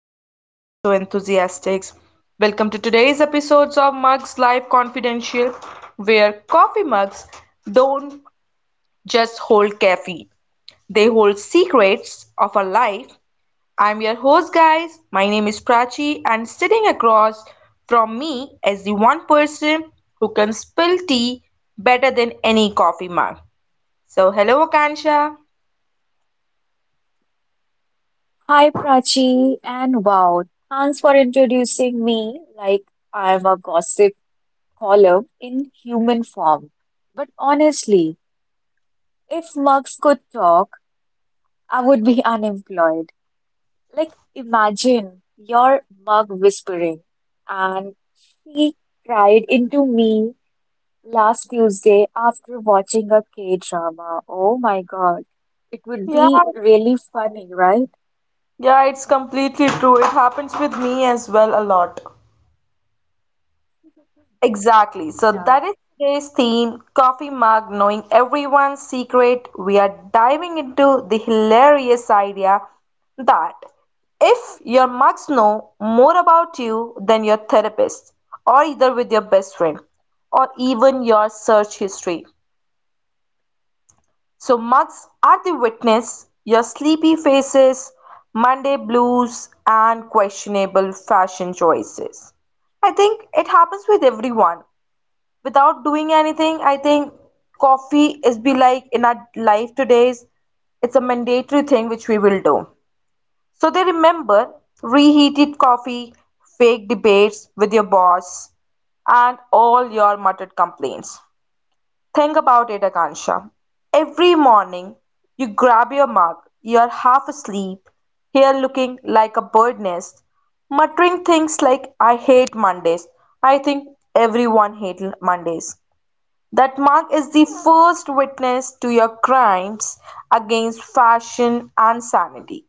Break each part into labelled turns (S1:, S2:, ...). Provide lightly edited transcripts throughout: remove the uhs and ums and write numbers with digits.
S1: and espresso enthusiasts. Welcome to today's episodes of Mugs Life Confidential, where coffee mugs don't just hold caffeine, they hold secrets of our life. I'm your host, guys. My name is Prachi, and sitting across from me is the one person who can spill tea better than any coffee mug. So, hello, Akansha.
S2: Hi Prachi, and wow, thanks for introducing me like I'm a gossip column in human form. But honestly, if mugs could talk, I would be unemployed. Like, imagine your mug whispering, and she cried into me last Tuesday after watching a K-drama. Oh my God, it would
S1: Yeah,
S2: be really funny, right?
S1: yeah, it's completely true. It happens with me as well a lot. Exactly. So
S2: Yeah.
S1: that is today's theme, coffee mug, knowing everyone's secret. We are diving into the hilarious idea that if your mugs know more about you than your therapist, or either with your best friend, or even your search history. So mugs are the witness, your sleepy faces, Monday blues, and questionable fashion choices. I think it happens with everyone. Without doing anything, I think coffee is be like in our life today's, it's a mandatory thing which we will do. So they remember reheated coffee, fake debates with your boss, and all your muttered complaints. Think about it, Akansha. Every morning, you grab your mug, you're half asleep, here, looking like a bird nest, muttering things like, I hate Mondays. I think everyone hates Mondays. That mug is the first witness to your crimes against fashion and sanity.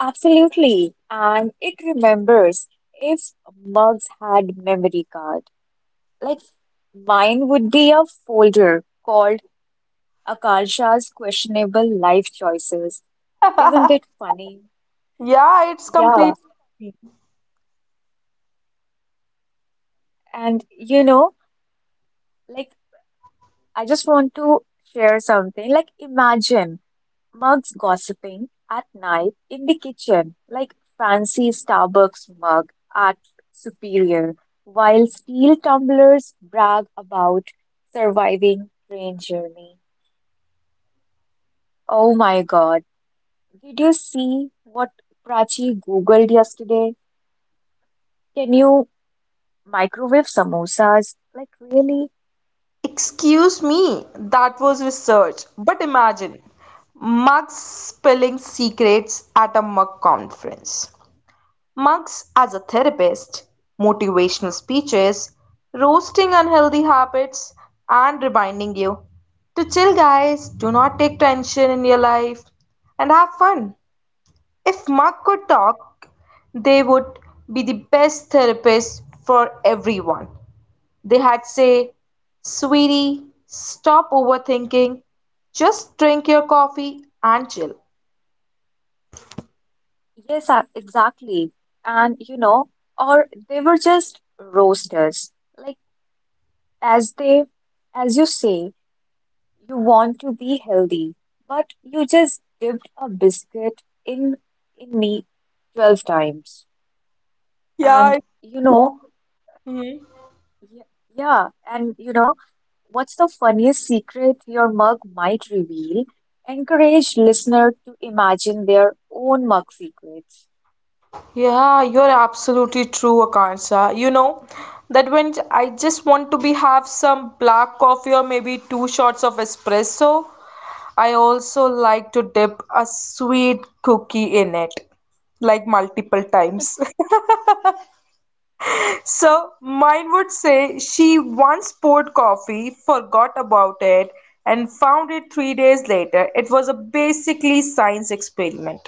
S2: Absolutely. And it remembers if mugs had memory card. Like mine would be a folder called Akasha's questionable life choices. Isn't it funny?
S1: Yeah, it's
S2: Yeah.
S1: completely funny.
S2: And you know, like I just want to share something. Like imagine mugs gossiping at night in the kitchen, like fancy Starbucks mug at superior, while steel tumblers brag about surviving train journey. Oh my God. Did you see what Prachi Googled yesterday? Can you microwave samosas? Like, really?
S1: Excuse me, that was research. But imagine mugs spilling secrets at a mug conference. Mugs as a therapist, motivational speeches, roasting unhealthy habits, and reminding you to chill, guys, do not take tension in your life, and have fun. If mug could talk, they would be the best therapist for everyone. They had say, "Sweetie, stop overthinking. Just drink your coffee and chill."
S2: Yes, exactly. And you know, or they were just roasters. Like, as they, as you say, you want to be healthy, but you just dipped a biscuit in me 12 times. And
S1: Yeah.
S2: you know,
S1: Hmm.
S2: y- yeah, and you know, what's the funniest secret your mug might reveal? Encourage listener to imagine their own mug secrets.
S1: Yeah, you're absolutely true, Akanksha. You know that when I just want to be have some black coffee or maybe two shots of espresso, I also like to dip a sweet cookie in it, like multiple times. So, mine would say she once poured coffee, forgot about it, and found it 3 days later. It was a basically science experiment.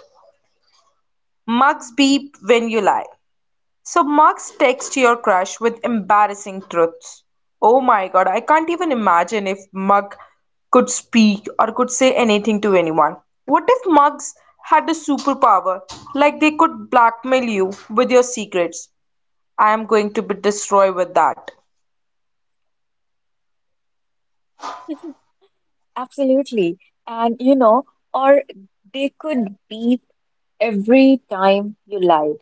S1: Mugs beep when you lie. So, mugs text your crush with embarrassing truths. Oh my god, I can't even imagine if mug could speak or could say anything to anyone. What if mugs had a superpower, like they could blackmail you with your secrets? I am going to be destroyed with that.
S2: Absolutely. And you know, or they could beep every time you lie.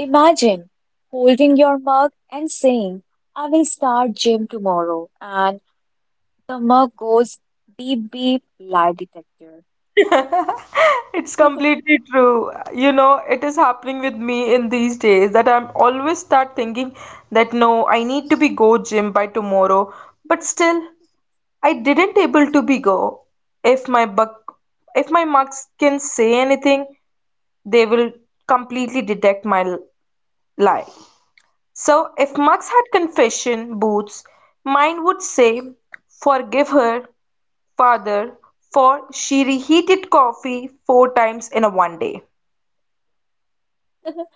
S2: Imagine holding your mug and saying, I will start gym tomorrow, and the mug goes beep beep lie detector.
S1: It's completely true. You know, it is happening with me in these days that I'm always start thinking that no, I need to be go gym by tomorrow, but still I didn't able to be go. If my buck, if my marks can say anything, they will completely detect my lie. So if Mux had confession boots, mine would say, forgive her, father, for she reheated coffee four times in a 1 day.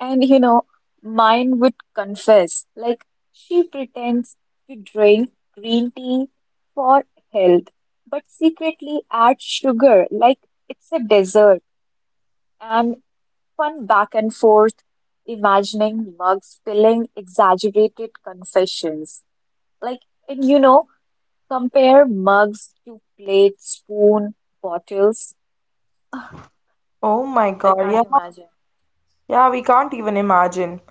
S2: And you know, mine would confess, like she pretends to drink green tea for health, but secretly adds sugar, like it's a dessert, and fun back and forth, imagining mugs spilling exaggerated confessions. Like, and you know, compare mugs to plates, spoon, bottles.
S1: Oh my
S2: I
S1: God,
S2: can't
S1: yeah,
S2: imagine.
S1: yeah, we can't even imagine.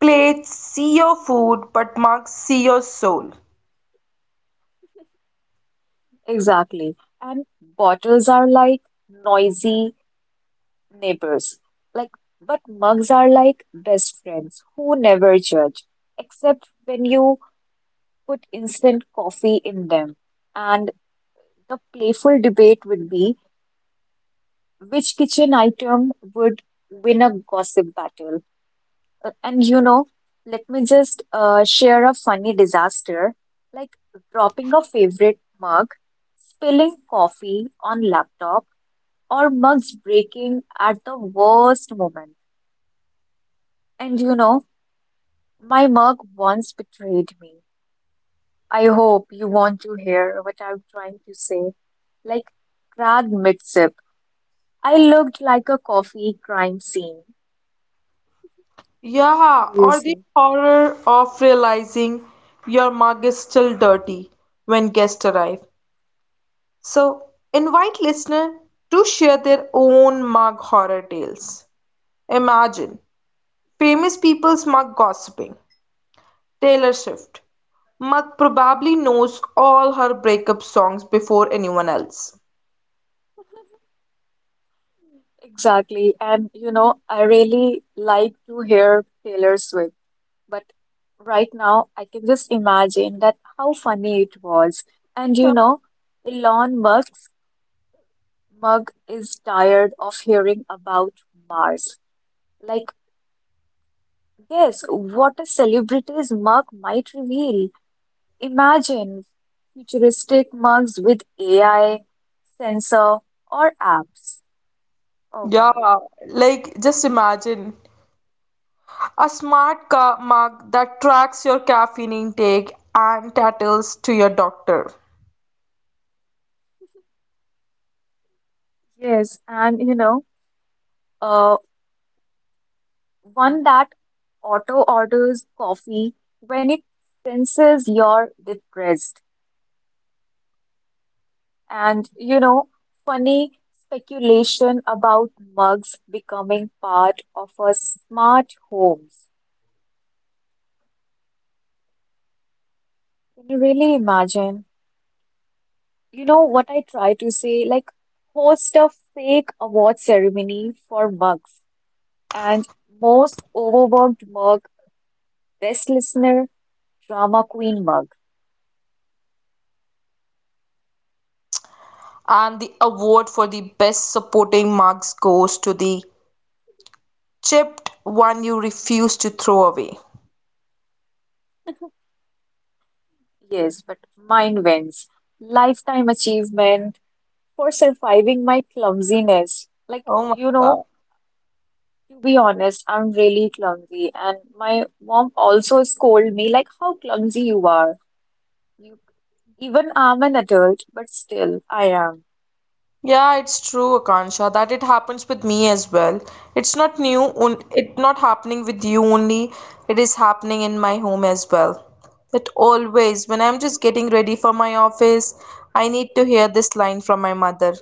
S1: Plates see your food, but mugs see your soul.
S2: Exactly. And bottles are like noisy neighbors. Like, but mugs are like best friends who never judge, except when you put instant coffee in them. And the playful debate would be which kitchen item would win a gossip battle. And you know, let me just share a funny disaster, like dropping a favorite mug, spilling coffee on laptop, or mugs breaking at the worst moment. And you know, my mug once betrayed me. I hope you want to hear what I'm trying to say. Like grad mid-sip, I looked like a coffee crime scene.
S1: Yeah, or the
S2: Seriously.
S1: horror of realizing your mug is still dirty when guests arrive. So, invite listener to share their own mug horror tales. Imagine famous people's mug gossiping. Taylor Swift. Mug probably knows all her breakup songs before anyone else.
S2: Exactly. And you know, I really like to hear Taylor Swift, but right now I can just imagine that how funny it was. And you know, Elon Musk's mug is tired of hearing about Mars. Like, guess what a celebrity's mug might reveal? Imagine futuristic mugs with AI, sensor, or apps. Oh
S1: Yeah,
S2: God.
S1: like just imagine a smart mug that tracks your caffeine intake and tattles to your doctor.
S2: Yes, and you know, uh, one that auto orders coffee when it senses you're depressed. And you know, funny speculation about mugs becoming part of our smart homes. Can you really imagine? You know what I try to say? Like, host a fake award ceremony for mugs and most overworked mug, best listener, drama queen mug.
S1: And the award for the best supporting mugs goes to the chipped one you refuse to throw away.
S2: Yes, but mine wins. Lifetime achievement for surviving my clumsiness. Like,
S1: Oh my
S2: you
S1: God.
S2: know, to be honest, I'm really clumsy, and my mom also scolded me, like, how clumsy you are. You, even I'm an adult, but still, I am.
S1: Yeah, it's true, Akansha, that it happens with me as well. It's not new, it not happening with you only, it is happening in my home as well. That always, when I'm just getting ready for my office, I need to hear this line from my mother,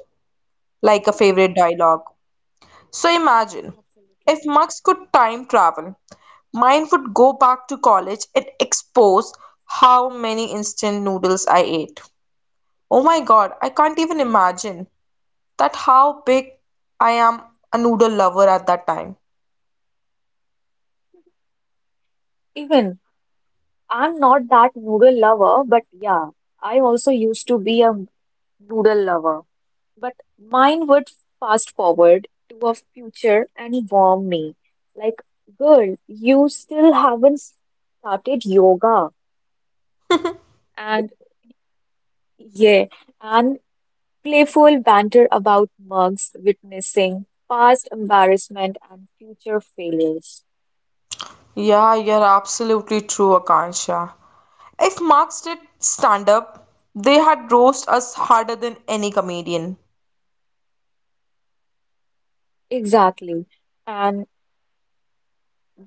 S1: like a favorite dialogue. So imagine, if
S2: Absolutely.
S1: Max could time travel, mine would go back to college and expose how many instant noodles I ate. Oh my god, I can't even imagine that how big I am a noodle lover at that time.
S2: Even. I'm not that noodle lover, but yeah, I also used to be a noodle lover. But mine would fast forward to a future and warm me. Like, girl, you still haven't started yoga. And yeah, and playful banter about mugs witnessing past embarrassment and future failures.
S1: Yeah, you're absolutely true, Akansha. If Marx did stand up, they had roast us harder than any comedian.
S2: Exactly. And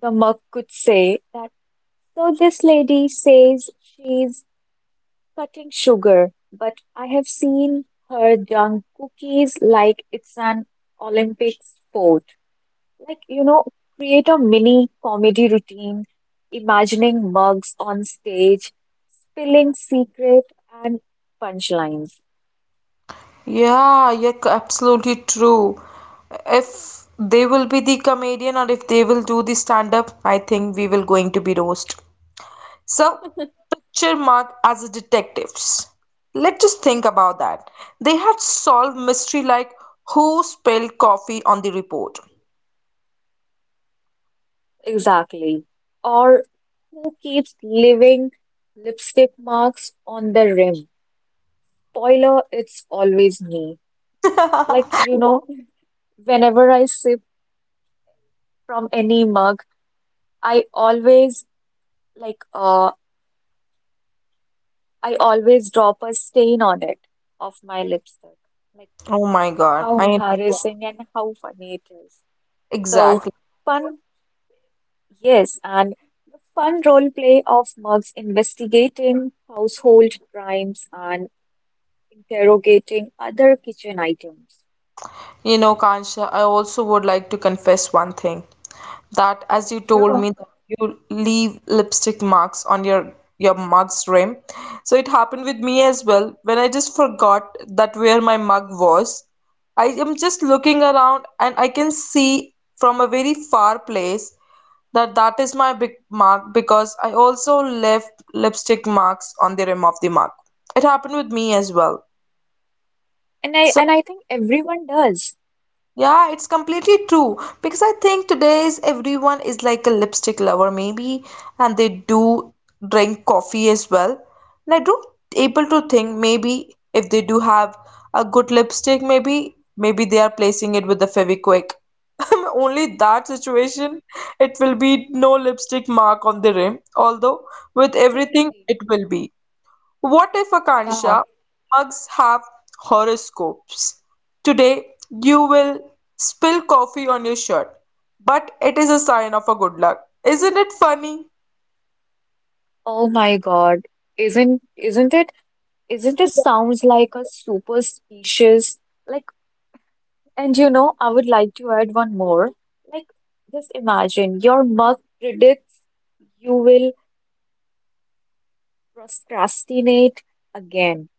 S2: the mug could say that. So this lady says she's cutting sugar, but I have seen her dunk cookies like it's an Olympic sport. Like, you know, create a mini comedy routine, imagining mugs on stage, spilling secret and punchlines.
S1: Yeah, you're absolutely true. If they will be the comedian or if they will do the stand up, I think we will going to be roast. So, picture Mark as a detectives. Let's just think about that. They had solved mystery like who spilled coffee on the report.
S2: Exactly. Or who keeps leaving lipstick marks on the rim? Spoiler, it's always me. Like, you know, whenever I sip from any mug, I always like, I always drop a stain on it of my lipstick. Like,
S1: Oh my god,
S2: how
S1: I understand.
S2: embarrassing and how funny it is. So,
S1: Exactly.
S2: fun, yes, and fun role play of mugs investigating household crimes and interrogating other kitchen items.
S1: You know, Kansha, I also would like to confess one thing. That as
S2: Yeah.
S1: you told
S2: Sure.
S1: me that you leave lipstick marks on your mug's rim. So it happened with me as well when I just forgot that where my mug was. I am just looking around and I can see from a very far place that that is my big mark because I also left lipstick marks on the rim of the mug. It happened with me as well.
S2: And I
S1: So.
S2: and I think everyone does.
S1: Yeah, it's completely true because I think today's everyone is like a lipstick lover maybe and they do drink coffee as well. And I don't able to think maybe if they do have a good lipstick maybe they are placing it with the Fevikwik. Only that situation it will be no lipstick mark on the rim although with everything
S2: Absolutely.
S1: it will be. What if
S2: Yeah.
S1: Akansha mugs have horoscopes? Today you will spill coffee on your shirt, but it is a sign of a good luck. Isn't it funny?
S2: Oh my God. Isn't isn't it isn't it sounds like a super species? Like, and you know, I would like to add one more. Like, just imagine your mug predicts you will procrastinate again,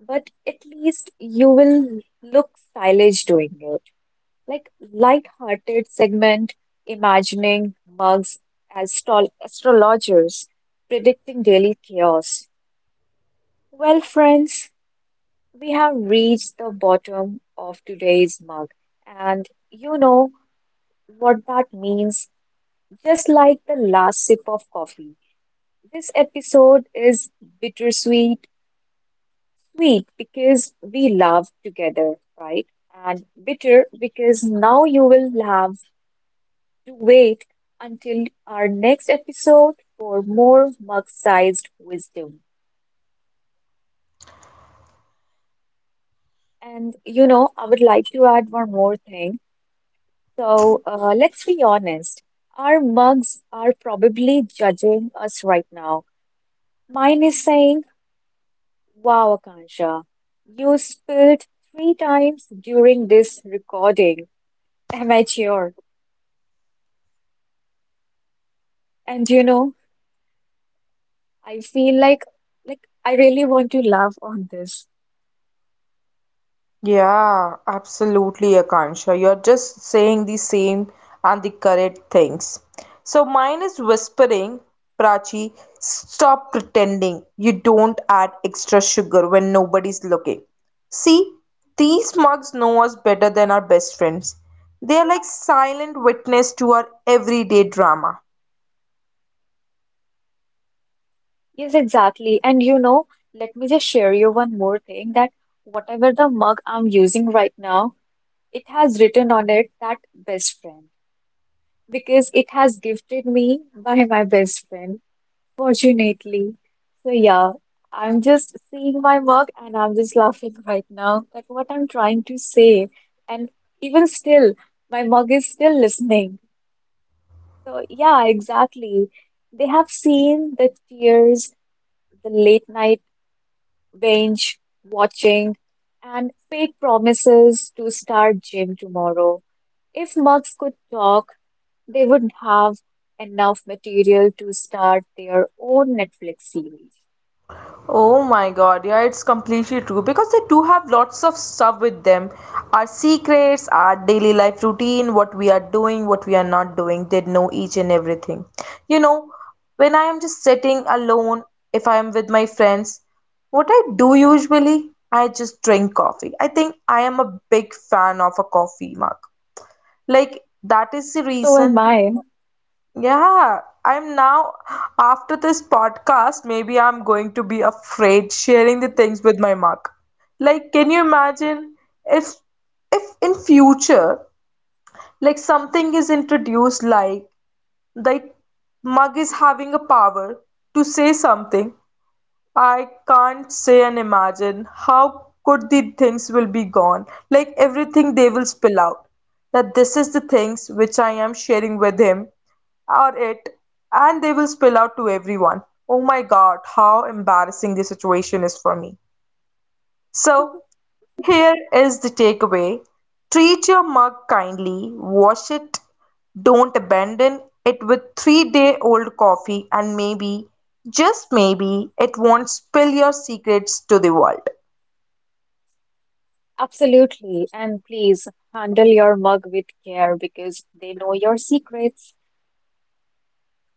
S2: but at least you will look stylish doing it. Like, light-hearted segment, imagining mugs as astrologers predicting daily chaos. Well, friends, we have reached the bottom of today's mug, and you know what that means. Just like the last sip of coffee, this episode is bittersweet. Sweet because we laughed together, right? And bitter because now you will have to wait until our next episode for more mug-sized wisdom. And you know, I would like to add one more thing. So let's be honest, our mugs are probably judging us right now. Mine is saying, wow, Akansha, you spilled three times during this recording. Amateur. And you know, I feel like I really want to laugh on this.
S1: Yeah, absolutely, Akansha. You're just saying the same and the correct things. So mine is whispering, Prachi, stop pretending you don't add extra sugar when nobody's looking. See, these mugs know us better than our best friends. They are like silent witness to our everyday drama.
S2: Yes, exactly. And you know, let me just share you one more thing that whatever the mug I'm using right now, it has written on it that best friend because it has gifted me by my best friend. Fortunately. So yeah, I'm just seeing my mug and I'm just laughing right now at what I'm trying to say. And even still, my mug is still listening. So yeah, exactly. They have seen the tears, the late night binge watching, and fake promises to start gym tomorrow. If mugs could talk, they would have enough material to start their own Netflix series.
S1: Oh my god, yeah, it's completely true because they do have lots of stuff with them. Our secrets, our daily life routine, what we are doing, what we are not doing, they know each and everything. You know, when I am just sitting alone, if I am with my friends, what I do usually, I just drink coffee. I think I am a big fan of a coffee mug. Like, that is the
S2: So am
S1: reason
S2: I.
S1: yeah, I'm now after this podcast, maybe I'm going to be afraid sharing the things with my mug. Like, can you imagine if if in future like something is introduced like mug is having a power to say something I can't say and imagine how could the things will be gone. Like everything they will spill out. That this is the things which I am sharing with him or it and they will spill out to everyone. Oh my god, how embarrassing the situation is for me. So, here is the takeaway treat your mug kindly, wash it, don't abandon it with 3-day old coffee, and maybe, just maybe, it won't spill your secrets to the world.
S2: Absolutely. And please handle your mug with care because they know your secrets.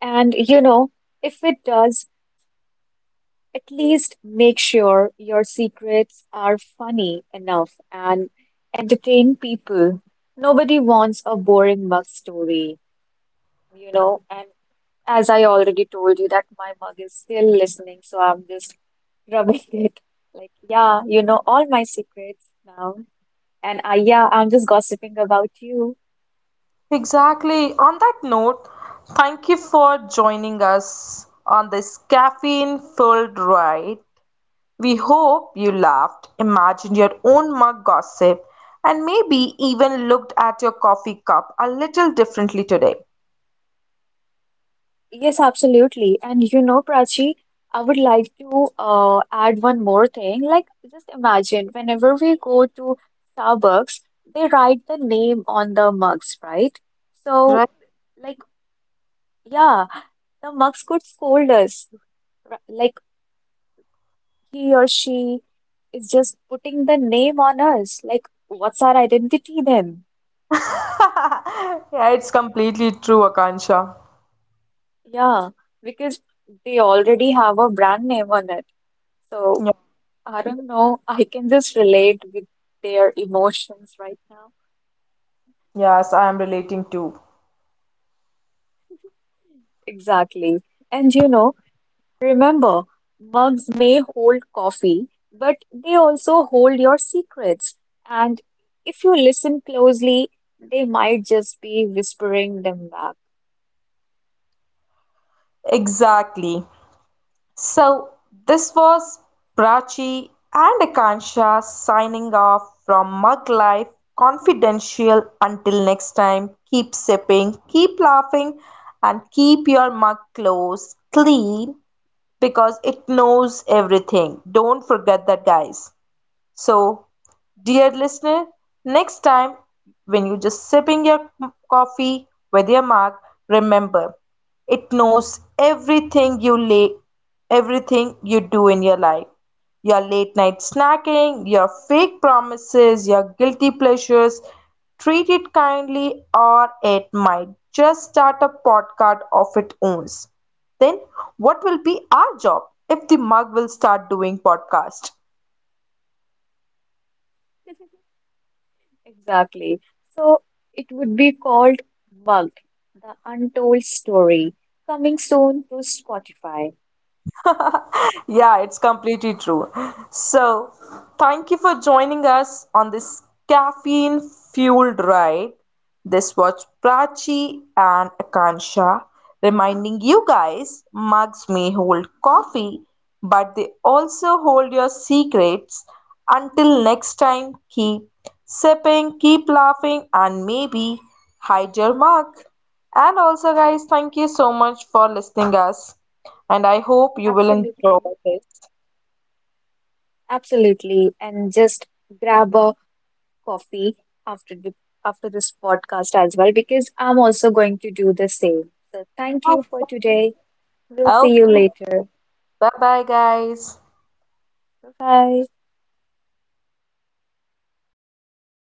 S2: And you know, if it does, at least make sure your secrets are funny enough and entertain people. Nobody wants a boring mug story, you know. And as I already told you, that my mug is still listening, so I'm just rubbing it. Like, yeah, you know all my secrets now. And I, yeah, I'm just gossiping about you.
S1: Exactly. On that note, thank you for joining us on this caffeine filled ride. We hope you laughed, imagined your own mug gossip, and maybe even looked at your coffee cup a little differently today,
S2: Yes, absolutely. And you know, Prachi, I would like to add one more thing. Like, just imagine whenever we go to Starbucks, they write the name on the mugs, right? So,
S1: right?
S2: like, yeah, the mugs could scold us. Like, he or she is just putting the name on us. Like, what's our identity then?
S1: Yeah, it's completely true, Akansha.
S2: Yeah, because they already have a brand name on it. So,
S1: Yeah.
S2: I don't know. I can just relate with their emotions right now.
S1: Yes, I am relating too.
S2: Exactly. And you know, remember, mugs may hold coffee, but they also hold your secrets. And if you listen closely, they might just be whispering them back.
S1: Exactly. So, this was Prachi and Akansha signing off from Mug Life Confidential. Until next time, keep sipping, keep laughing, and keep your mug close, clean, because it knows everything. Don't forget that, guys. So, dear listener, next time when you just sipping your coffee with your mug, remember it knows everything you lay, everything you do in your life. Your late night snacking, your fake promises, your guilty pleasures, treat it kindly or it might just start a podcast of its own. Then what will be our job if the mug will start doing podcast?
S2: Exactly. So it would be called Mug, the Untold Story, coming soon to Spotify.
S1: Yeah, it's completely true. So, thank you for joining us on this caffeine fueled ride. This was Prachi and Akansha reminding you guys mugs may hold coffee, but they also hold your secrets. Until next time, keep sipping, keep laughing, and maybe hide your mug. And also, guys, thank you so much for listening us. And I hope you will enjoy
S2: Absolutely.
S1: this.
S2: Absolutely, and just grab a coffee after the, after this podcast as well, because I'm also going to do the same. So thank you for today. We'll see you
S1: Okay.
S2: later.
S1: Bye bye, guys.
S2: Bye bye.